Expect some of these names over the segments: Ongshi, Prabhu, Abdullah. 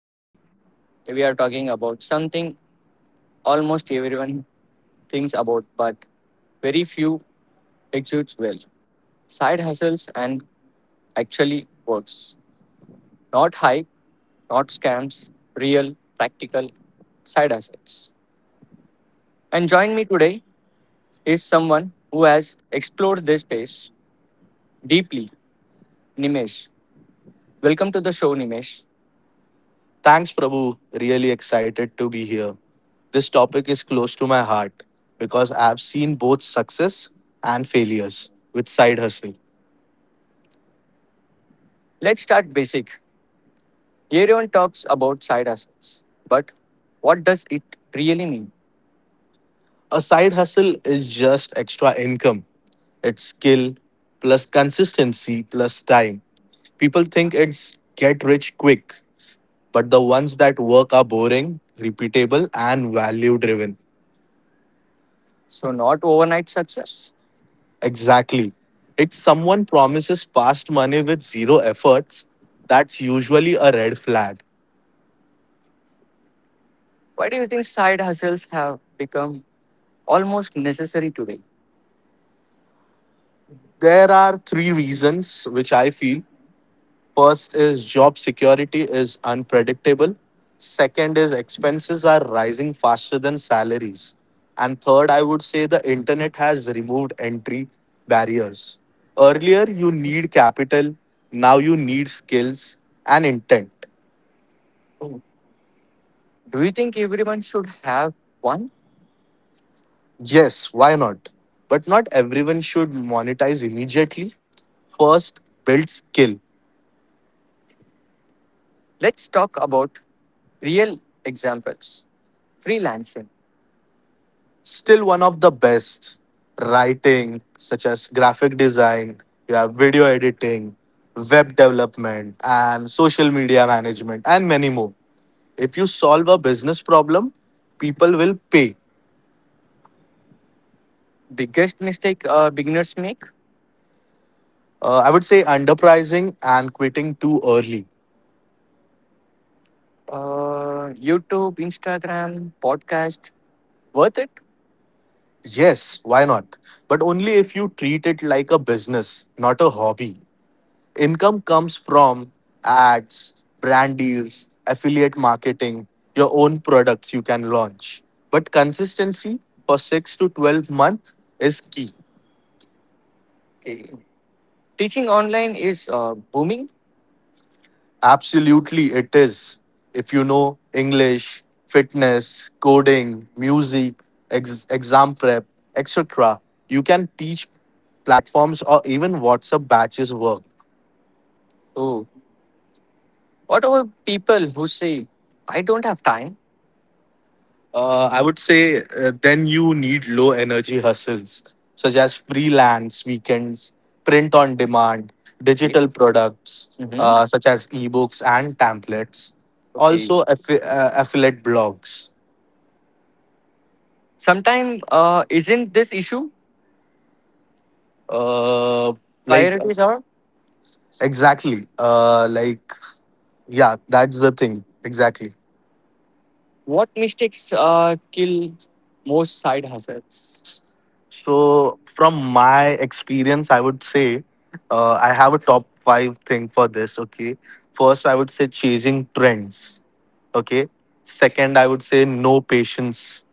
Today, we are talking about something almost everyone thinks about, but very few executes well side hustles and actually works. Not hype, not scams, real, practical side hustles. And join me today is someone who has explored this space deeply, Nimesh. Welcome to the show, Nimesh. Thanks, Prabhu. Really excited to be here. This topic is close to my heart because I've seen both success and failures with side hustle. Let's start basic. Everyone talks about side hustles, but what does it really mean? A side hustle is just extra income, it's skill plus consistency plus time. People think it's get rich quick, but the ones that work are boring, repeatable, and value driven. So, not overnight success. Exactly. If someone promises fast money with zero efforts, that's usually a red flag. Why do you think side hustles have become almost necessary today? There are three reasons which I feel. First is job security is unpredictable. Second is expenses are rising faster than salaries. And third, I would say the internet has removed entry barriers. Earlier, you need capital. Now you need skills and intent. Oh. Do you think everyone should have one? Yes, why not? But not everyone should monetize immediately. First, build skill. Let's talk about real examples. Freelancing. Still one of the best. Writing, such as graphic design, you have video editing, web development, and social media management, and many more. If you solve a business problem, people will pay. Biggest mistake beginners make? I would say underpricing and quitting too early. YouTube, Instagram, podcast. Worth it? Yes, why not? But only if you treat it like a business, not a hobby. Income comes from ads, brand deals, affiliate marketing, your own products you can launch. But consistency for 6 to 12 months is key. Okay. Teaching online is booming. Absolutely, it is. If you know English, fitness, coding, music, exam prep, etc., you can teach platforms or even WhatsApp batches work. Oh, what about people who say, I don't have time? I would say then you need low energy hustles such as freelance weekends, print on demand, Okay. digital products Hmm. Such as ebooks and templates, Okay. also affiliate blogs. Sometimes, isn't this issue? Uh, like, Priorities are exactly, like, yeah, that's the thing exactly. what mistakes kill most side hustles? So from my experience, I would say I have a top five thing for this. Okay, first I would say chasing trends. Okay. Second, I would say no patience.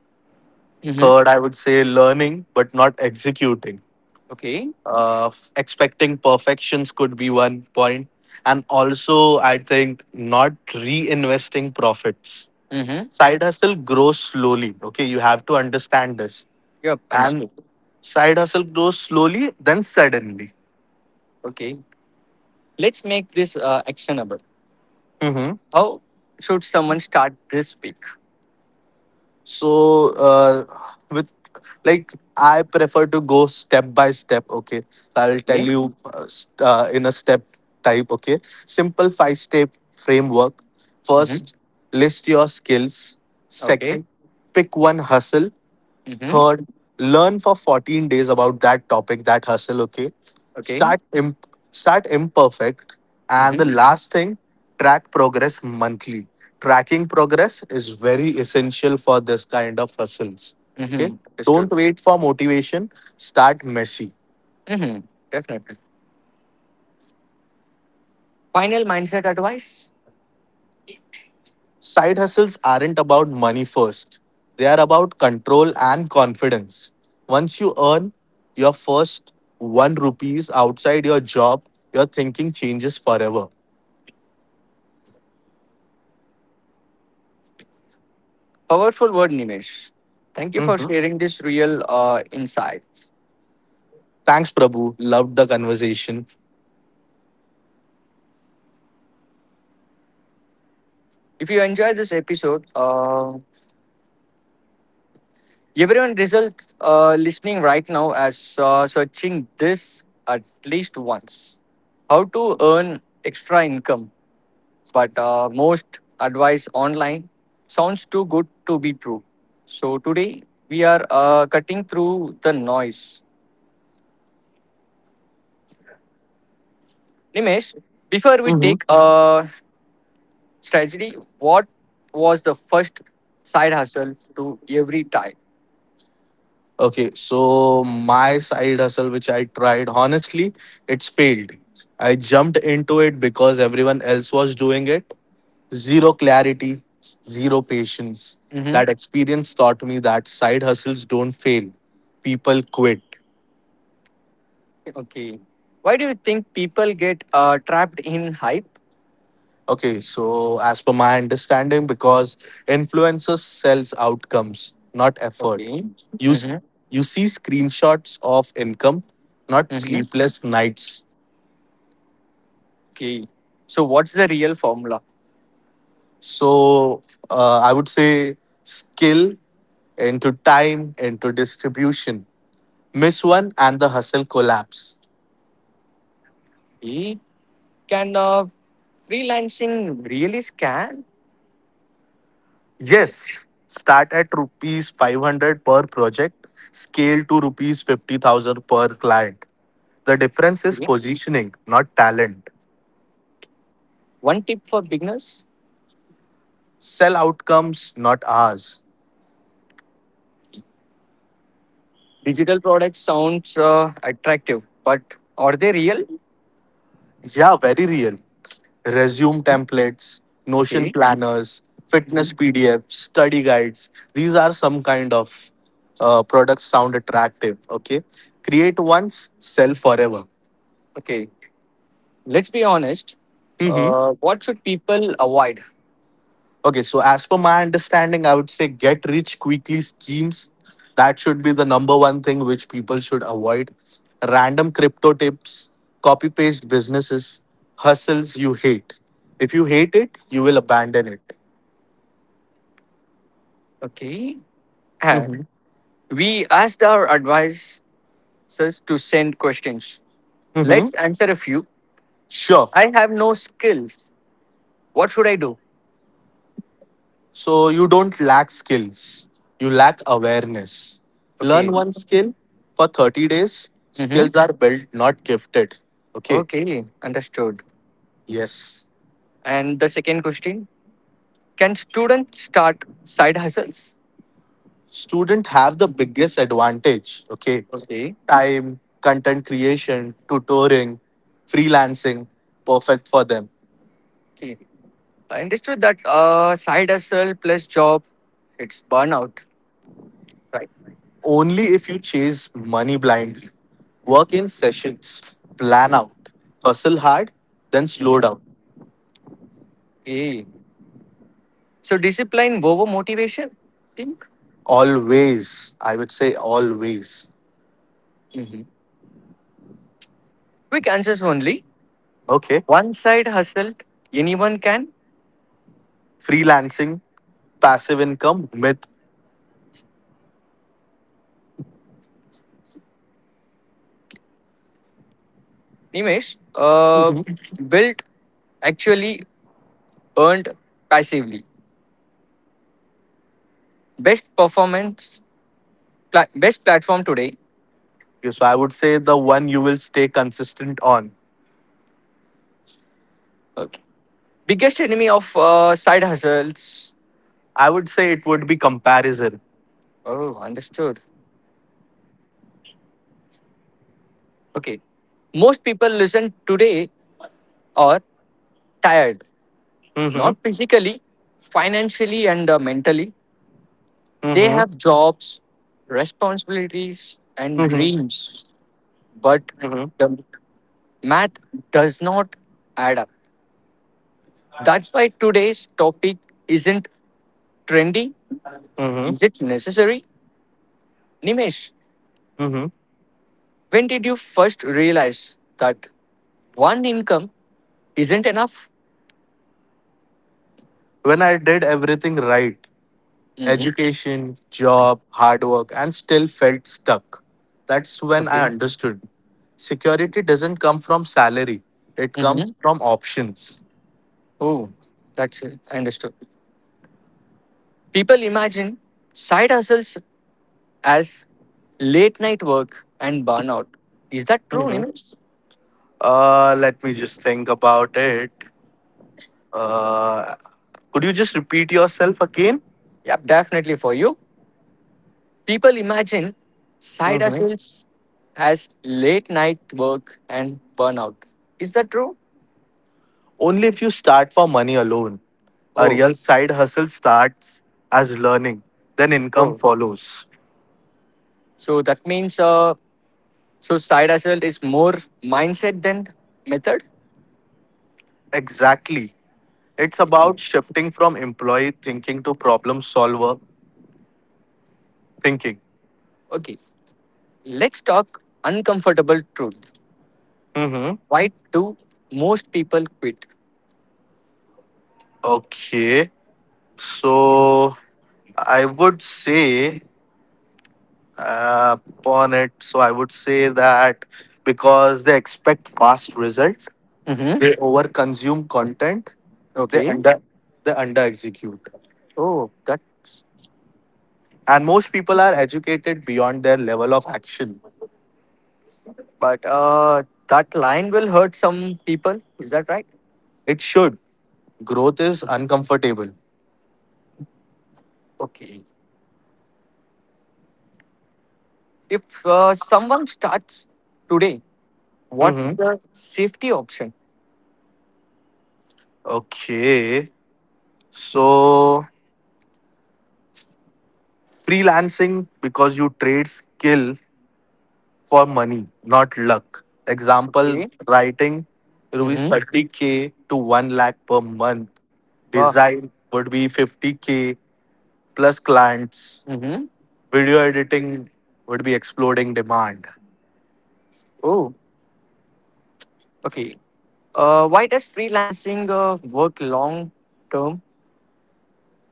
Hmm. Third, I would say learning but not executing. Okay. Expecting perfections could be one point. And also, I think not reinvesting profits. Hmm. Side hustle grows slowly. Okay. You have to understand this. Yep, And understood. side hustle grows slowly, then suddenly. Okay. Let's make this actionable. Mhm. How should someone start this week? so with like, I prefer to go step by step. Okay, so I'll tell Okay. you in a step type. Okay, simple five step framework. Hmm. First, list your skills. Okay. Second, pick one hustle. Hmm. Third, learn for 14 days about that topic, that hustle, okay? Okay. Start imperfect. And the Hmm. last thing, track progress monthly. Tracking progress is very essential for this kind of hustles. Hmm. Okay? Don't Understood. wait for motivation, start messy. Hmm. Definitely. Final mindset advice? Side hustles aren't about money first. They are about control and confidence. Once you earn your first 1 rupees outside your job, your thinking changes forever. Powerful word, Nimesh. Thank you for Mhm. sharing this real insights. Thanks, Prabhu. Loved the conversation. If you enjoy this episode, everyone result listening right now as searching this at least once. How to earn extra income, but most advice online sounds too good to be true. So today we are cutting through the noise. Nimesh, before we Mhm. take a strategy, what was the first side hustle to every type? Okay, so my side hustle, which I tried, honestly, it's failed. I jumped into it because everyone else was doing it. Zero clarity, zero patience. Hmm. That experience taught me that side hustles don't fail, people quit. Okay, why do you think people get trapped in hype? Okay, so as per my understanding, because influencers sells outcomes, not effort. Okay. You s- Hmm. you see screenshots of income, not Hmm. sleepless nights. Okay, so what's the real formula? So I would say skill into time into distribution. Miss one and the hustle collapse. Okay. Can freelancing really scan? Yes, start at rupees 500 per project, scale to rupees 50,000 per client. The difference is Okay. positioning, not talent. One tip for beginners. Sell outcomes, not ours. Digital products sounds attractive, but are they real? Yeah, very real. Resume Mhm. templates, Notion Okay. planners, fitness Mhm. PDFs, study guides. These are some kind of products sound attractive. Okay. Create once, sell forever. Okay, let's be honest. Mm-hmm. What should people avoid? Okay, so as per my understanding, I would say get rich quickly schemes. That should be the number one thing which people should avoid. Random crypto tips, copy paste businesses, hustles you hate. If you hate it, you will abandon it. Okay. Uh, Hmm. we asked our advisors to send questions. Let's Hmm. answer a few. Sure. I have no skills. What should I do? So you don't lack skills, you lack awareness. Learn Okay. one skill for 30 days. Mm-hmm. Skills are built, not gifted. Okay, Okay. Understood. yes. And the second question, can students start side hustles? Student have the biggest advantage. Okay. Okay. Time, content creation, tutoring, freelancing, perfect for them. Okay. I understood that side hustle plus job, it's burnout, right? Only if you chase money blindly, work in sessions, plan out, hustle hard, then slow Mm-hmm. down. Okay. So discipline over motivation, think? Always, I would say, always. Mm-hmm. Quick answers only. Okay. One side hustle, anyone can. Freelancing. Passive income myth. Nimesh, built actually earned passively. Best performance, best platform today. Okay, so I would say the one you will stay consistent on. Okay. Biggest enemy of side hustles. I would say it would be comparison. Oh, understood. Okay. Most people listen today are tired, Mm-hmm, not physically, financially, and mentally. They mm-hmm, have jobs, responsibilities, and mm-hmm. dreams, but Mm-hmm. the math does not add up. That's why today's topic isn't trendy? Mm-hmm. Is it necessary? Nimesh, Mm-hmm. when did you first realize that one income isn't enough? When I did everything right, Hmm. education, job, hard work and still felt stuck. That's when I Okay. understood. Security doesn't come from salary, it Hmm. comes from options. Oh, that's it. I understood. People imagine side hustles as late night work and burnout. Is that true, Mhm. Nimesh? Let me just think about it. Uh, could you just repeat yourself again? Yep, definitely for you. People imagine side Mhm. hustles as late night work and burnout. Is that true? Only if you start for money alone. A Oh, real side hustle starts as learning, then income oh. follows. So that means so side hustle is more mindset than method. Exactly. It's about shifting from employee thinking to problem solver thinking. Okay, let's talk uncomfortable truth. Mm-hmm. Why do most people quit? Okay. So I would say upon it, so I would say that because they expect fast result, Mm-hmm. they over consume content, they Okay. under they under execute. Oh, that's And most people are educated beyond their level of action. but that line will hurt some people. Is that right? It should. Growth is uncomfortable. Okay. If someone starts today, what's Mm-hmm. the safety option? Okay. So freelancing because you trade skill for money, not luck. Example Okay. writing rupees Mm-hmm. 30K to 1 lakh per month. Wow. Design would be 50K plus clients. Mm-hmm. Video editing would be exploding demand Oh. Okay. Why does freelancing work long term?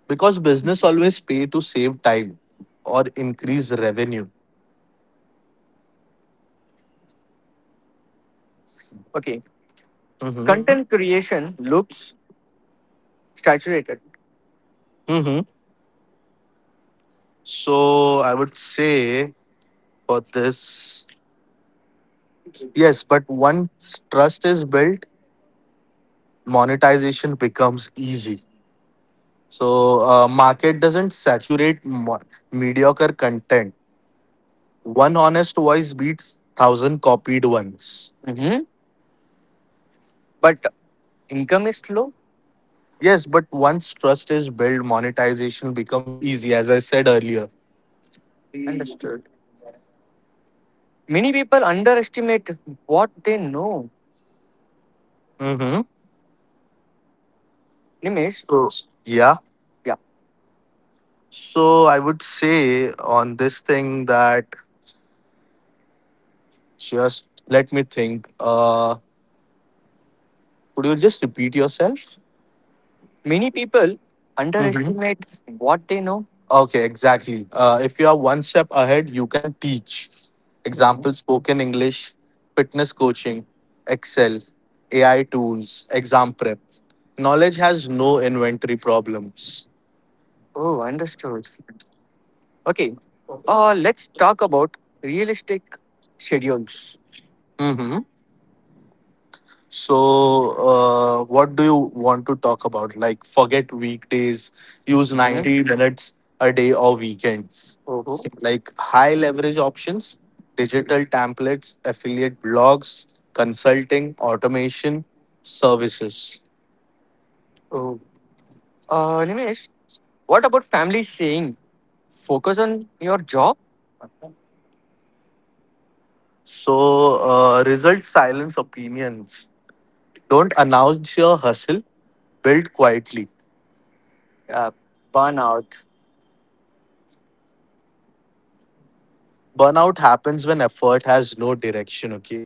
because business always pay to save time or increase revenue. Okay. Hmm. Content creation looks saturated. Hmm. So I would say for this, yes, but once trust is built, monetization becomes easy. So market doesn't saturate mediocre content. One honest voice beats thousand copied ones. Mhm. But income is slow. Yes, but once trust is built, monetization becomes easy, as I said earlier. Understood. Many people underestimate what they know. Mm-hmm. Nimesh, Yeah. yeah. So I would say on this thing that just let me think. Could you just repeat yourself? Many people Mm-hmm. underestimate what they know. Okay, exactly. If you are one step ahead, you can teach. Mhm. Example spoken English, fitness coaching, Excel, AI tools, exam prep. Knowledge has no inventory problems. Oh, understood. Okay. Let's talk about realistic schedules. Mhm. So, what do you want to talk about? Like, forget weekdays, use Hmm. 90 minutes a day or weekends. Oh, oh. Like, high leverage options, digital templates, affiliate blogs, consulting, automation, services. Nimesh, what about family saying focus on your job? So, result silence opinions. Don't announce your hustle, build quietly. Uh, burnout. Burnout happens when effort has no direction, okay?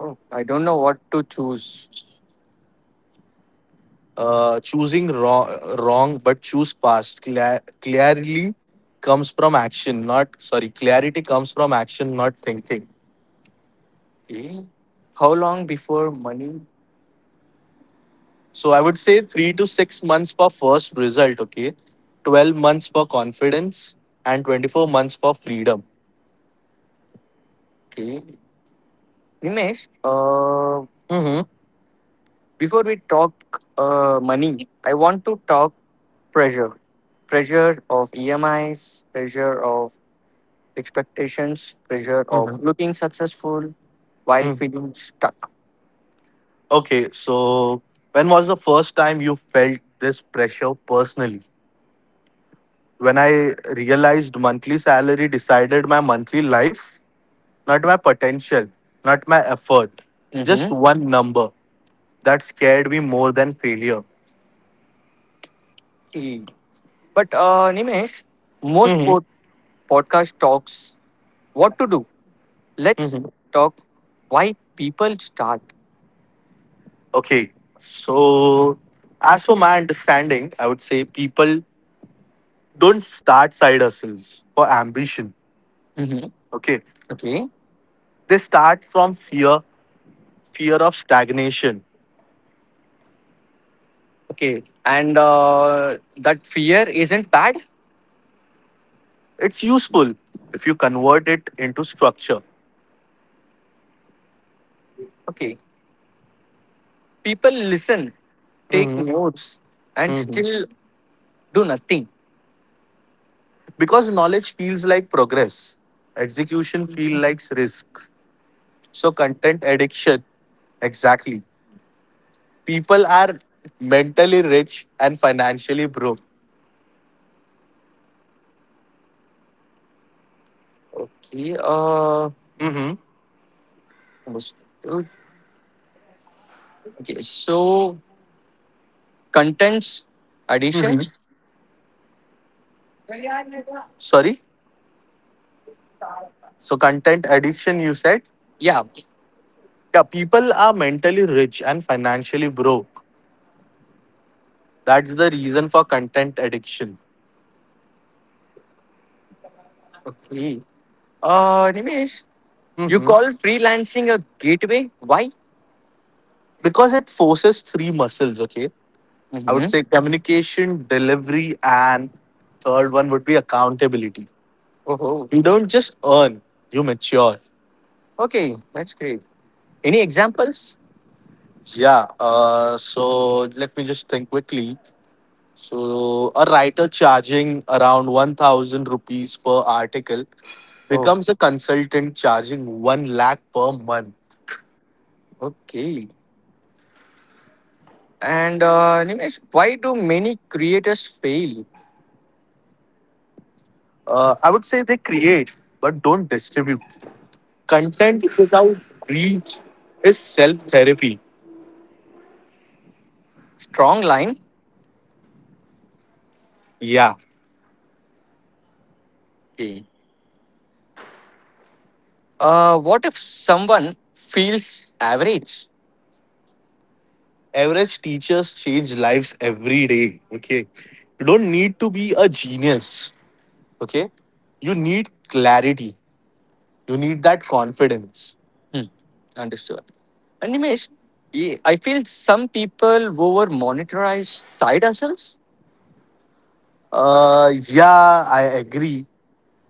Oh, I don't know what to choose. Choosing wrong, wrong but choose fast. Clearly comes from action, not, sorry, clarity comes from action, not thinking. Okay. How long before money? So I would say 3 to 6 months for first result. Okay. 12 months for confidence and 24 months for freedom. Okay. Nimesh, uh, Hmm. before we talk money, I want to talk pressure. Pressure of EMIs, pressure of expectations, pressure Hmm. of looking successful while feeling stuck. Okay, so when was the first time you felt this pressure personally? When I realized monthly salary decided my monthly life. Not my potential, not my effort. Just Mm-hmm. one number that scared me more than failure. Okay. But Nimesh, most Hmm. Podcast talks what to do. Let's Hmm. talk why people start. Okay, so as for my understanding, I would say people don't start side hustles for ambition. Mm-hmm. Okay, Okay. they start from fear, fear of stagnation. Okay, and that fear isn't bad. It's useful if you convert it into structure. Okay, people listen, take Hmm. notes, and Hmm. still do nothing. Because knowledge feels like progress, execution feels like risk. So, content addiction. Exactly. People are mentally rich and financially broke. Okay, Mm-hmm. understood. Okay. So contents Mm-hmm. additions. Sorry? So, content addiction, you said? Yeah. Yeah, people are mentally rich and financially broke. That's the reason for content addiction. Okay. Nimesh, you Hmm. call freelancing a gateway? Why? Because it forces three muscles, okay? I would Mm-hmm. say communication, delivery, and third one would be accountability. Oh, oh. You don't just earn, you mature. Okay. That's great. Any examples? Yeah. So let me just think quickly. So a writer charging around 1,000 rupees per article Oh, becomes a consultant charging one lakh per month. okay. And Nimesh, why do many creators fail? I would say they create but don't distribute. Content without reach is self therapy. Strong line. Yeah. Okay. What if someone feels average? Average teachers change lives every day. Okay. You don't need to be a genius. Okay. You need clarity. You need that confidence. Hmm. Understood. And Nimesh, yeah, I feel some people over monitorize side hustles. Yeah, I agree.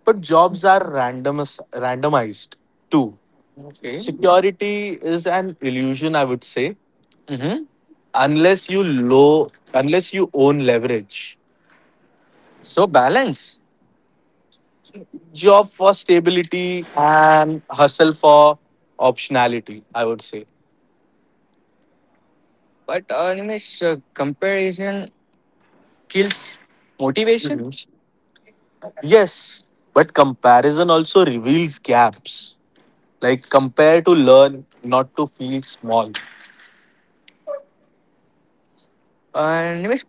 But jobs are randomized too. Okay. Security is an illusion, I would say, Mm-hmm. unless you low, unless you own leverage. So balance. Job for stability and hustle for optionality, I would say. But Nimesh, comparison kills motivation. Yes, but comparison also reveals gaps. Like compare to learn, not to feel small. And Nimesh,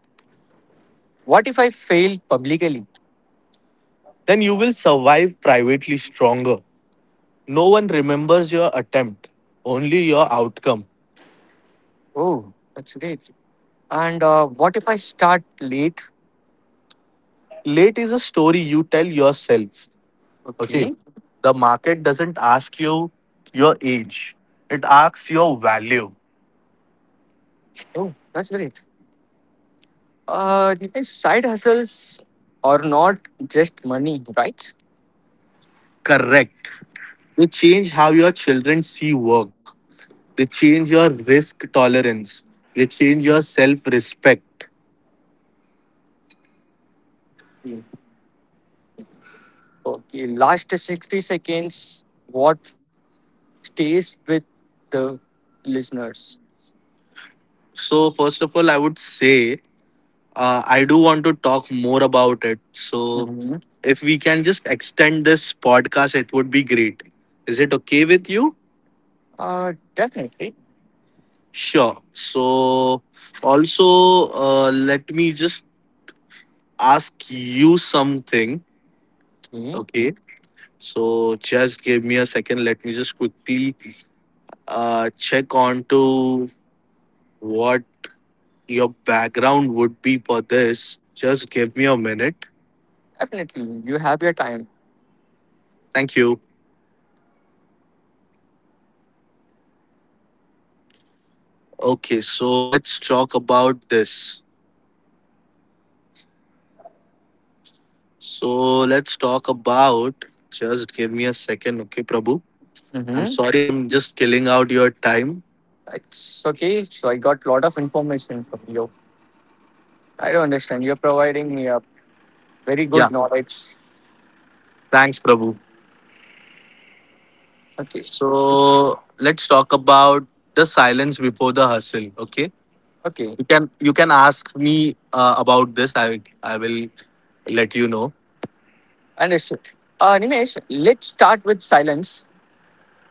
what if I fail publicly? Then you will survive privately stronger. No one remembers your attempt, only your outcome. Oh, that's great. And what if I start late? Late is a story you tell yourself. Okay. Okay. The market doesn't ask you your age, it asks your value. Oh, that's great. Dinesh, side hustles are not just money, right? Correct. They change how your children see work, they change your risk tolerance, they change your self respect. Hmm. Okay, last 60 seconds, what stays with the listeners? So, first of all, I would say I do want to talk more about it. So, Mhm. if we can just extend this podcast, it would be great. Is it okay with you? Definitely. Sure. So, also, let me just ask you something. Okay, Okay. So, just give me a second. Let me just quickly check on to what your background would be for this. Just give me a minute. definitely. You have your time. Thank you. Okay. So, let's talk about this. So let's talk about. Just give me a second, okay, Prabhu? I'm Hmm. sorry, I'm just killing out your time. It's okay. So I got a lot of information from you. I don't understand. You're providing me a very Yeah, good knowledge. thanks, Prabhu. Okay. So let's talk about the silence before the hustle. Okay, Okay. you can ask me about this. I will let you know. Understood. Nimesh, let's start with silence.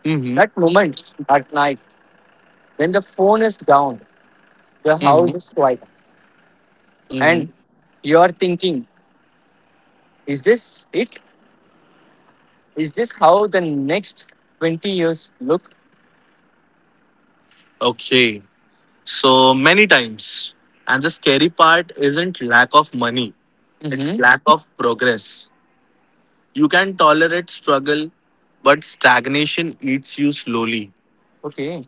Mm-hmm. That moment at night when the phone is down, the house Mm-hmm. is quiet, Mm-hmm. and you're thinking, is this it? Is this how the next 20 years look? Okay. So many times, and the scary part isn't lack of money; it's Mm-hmm. lack of progress. You can tolerate struggle, but stagnation eats you slowly. Okay.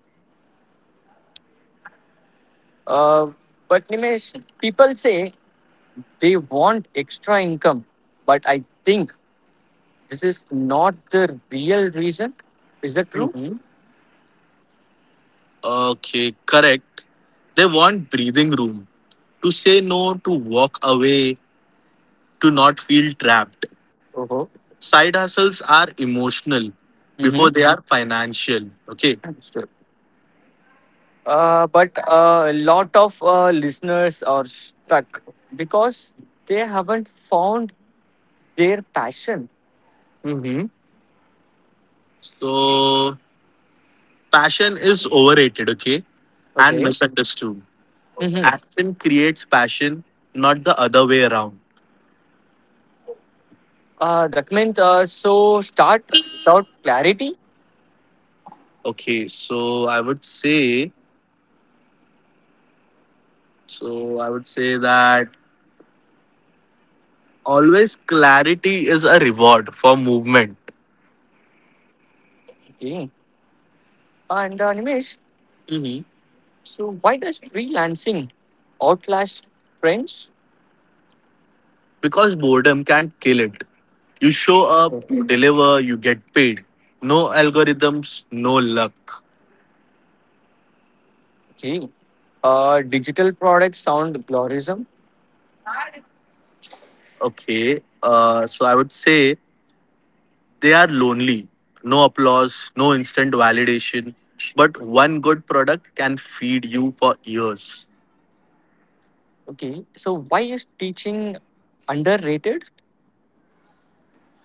Uh, but Nimesh, people say they want extra income, but I think this is not the real reason. Is that true? Mhm. Okay, correct. They want breathing room to say no, to walk away, to not feel trapped. Uh-huh. Side hustles are emotional before Mm-hmm. they are financial. Okay. Understood. But a lot of listeners are stuck because they haven't found their passion. Mhm. So, passion is overrated, okay, and Okay. misunderstood. Hmm. Action creates passion, not the other way around. That meant so start without clarity. Okay, I would say So I would say that always clarity is a reward for movement. Okay. And Nimesh, Mhm. so why does freelancing outlast trends? Because boredom can kill it. You show up, you deliver, you get paid. No algorithms, no luck. Okay. Digital products sound glorism. Okay. So I would say they are lonely. No applause, no instant validation, but one good product can feed you for years. Okay. So why is teaching underrated?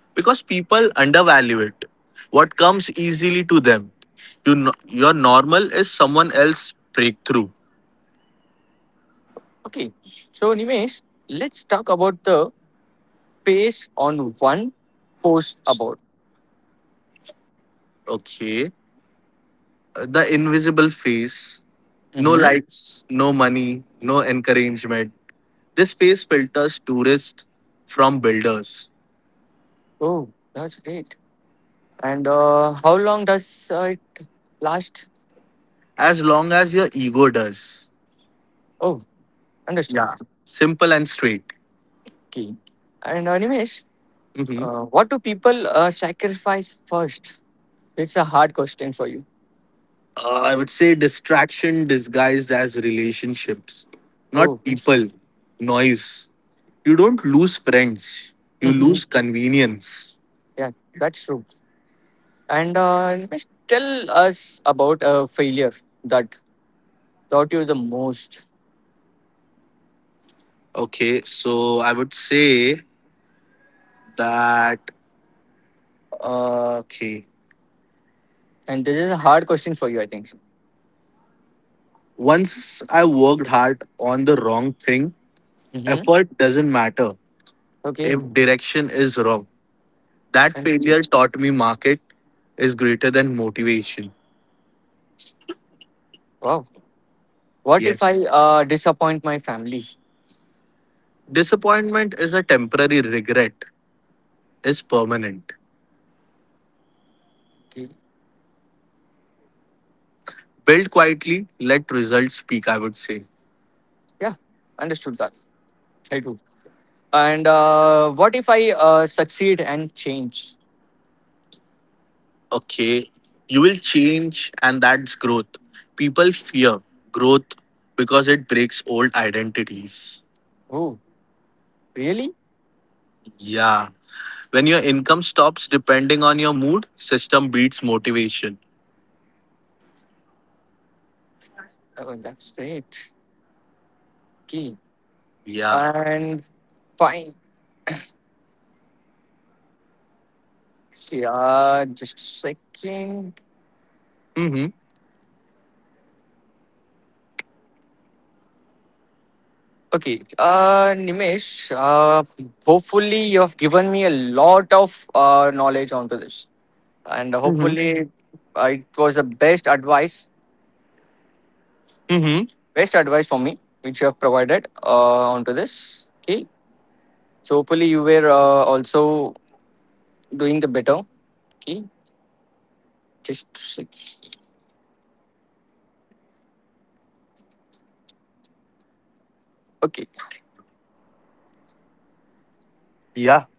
Because people undervalue it. What comes easily to them. You, no- Your normal is someone else's breakthrough. Okay. So Nimesh, let's talk about the pace on one post about. Okay. The invisible face. No Mm-hmm. lights, no money, no encouragement. This face filters tourists from builders. Oh, that's great. And how long does it last? As long as your ego does. Oh, understood. Yeah. Simple and straight. Key. And Nimesh, Hmm. What do people sacrifice first? It's a hard question for you. I would say distraction disguised as relationships, not Oh, people, noise. You don't lose friends, you hmm. lose convenience. Yeah, that's true. And Nimesh, tell us about a failure that taught you the most. Okay, so I would say that, uh, okay, And this is a hard question for you, I think. once I worked hard on the wrong thing, Mm-hmm. effort doesn't matter Okay. if direction is wrong. That Understood. failure taught me market is greater than motivation. Wow. What if I Yes. Disappoint my family? Disappointment is a temporary regret, is permanent. Okay. Build quietly, let results speak, I would say. Yeah, understood that. I do. And what if I succeed and change? Okay, you will change and that's growth. People fear growth because it breaks old identities. Oh, really? Yeah. When your income stops depending on your mood, system beats motivation. Oh, that's great. Okay. Yeah. And fine. Okay, just a second. Mm-hmm. Okay, Nimesh, hopefully you have given me a lot of knowledge onto this. And Mm-hmm. hopefully it was the Mm-hmm. best advice for me, which you have provided onto this. Okay. So hopefully you were also doing the better. Okay. Just a sec. Okay. Yeah.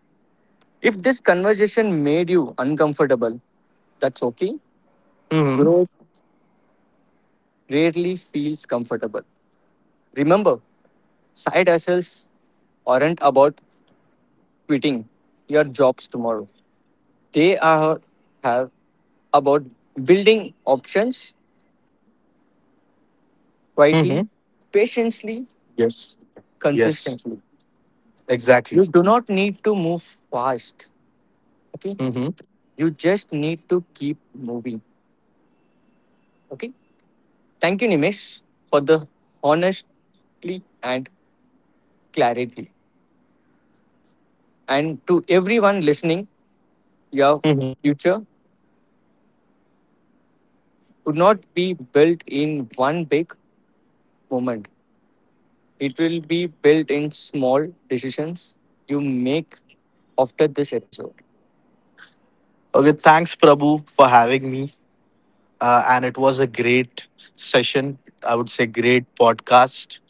If this conversation made you uncomfortable, that's okay. Mm-hmm. Growth rarely feels comfortable. Remember, side hustles aren't about quitting your jobs tomorrow. They are have about building options Mm-hmm. quietly, patiently, Yes. Yes. consistently. Exactly. You do not need to move fast. Okay. Mm-hmm. You just need to keep moving. Okay. Thank you, Nimesh, for the honestly and clarity. And to everyone listening, your Mm-hmm. future would not be built in one big moment. It will be built in small decisions you make after this episode. Okay, thanks, Prabhu, for having me. And it was a great session, I would say, great podcast.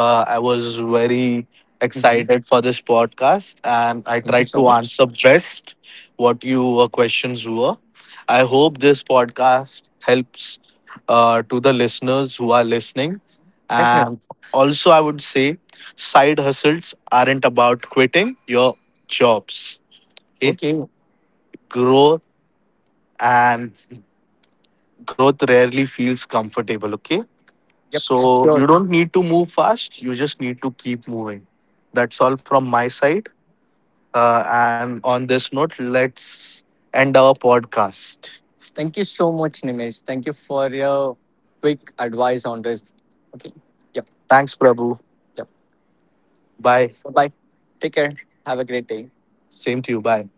I was very Hmm. excited for this podcast and I Thank you tried so to much. answer best what your questions were. I hope this podcast helps to the listeners who are listening. Definitely. And also, I would say side hustles aren't about quitting your jobs. Okay. Okay. Growth and Growth rarely feels comfortable. Okay. Yep. So Sure. you don't need to move fast. You just need to keep moving. That's all from my side. And on this note, let's end our podcast. Thank you so much, Nimesh. Thank you for your quick advice on this. Okay. Yep. Thanks, Prabhu. Yep. Bye. Bye. Take care. Have a great day. Same to you. Bye.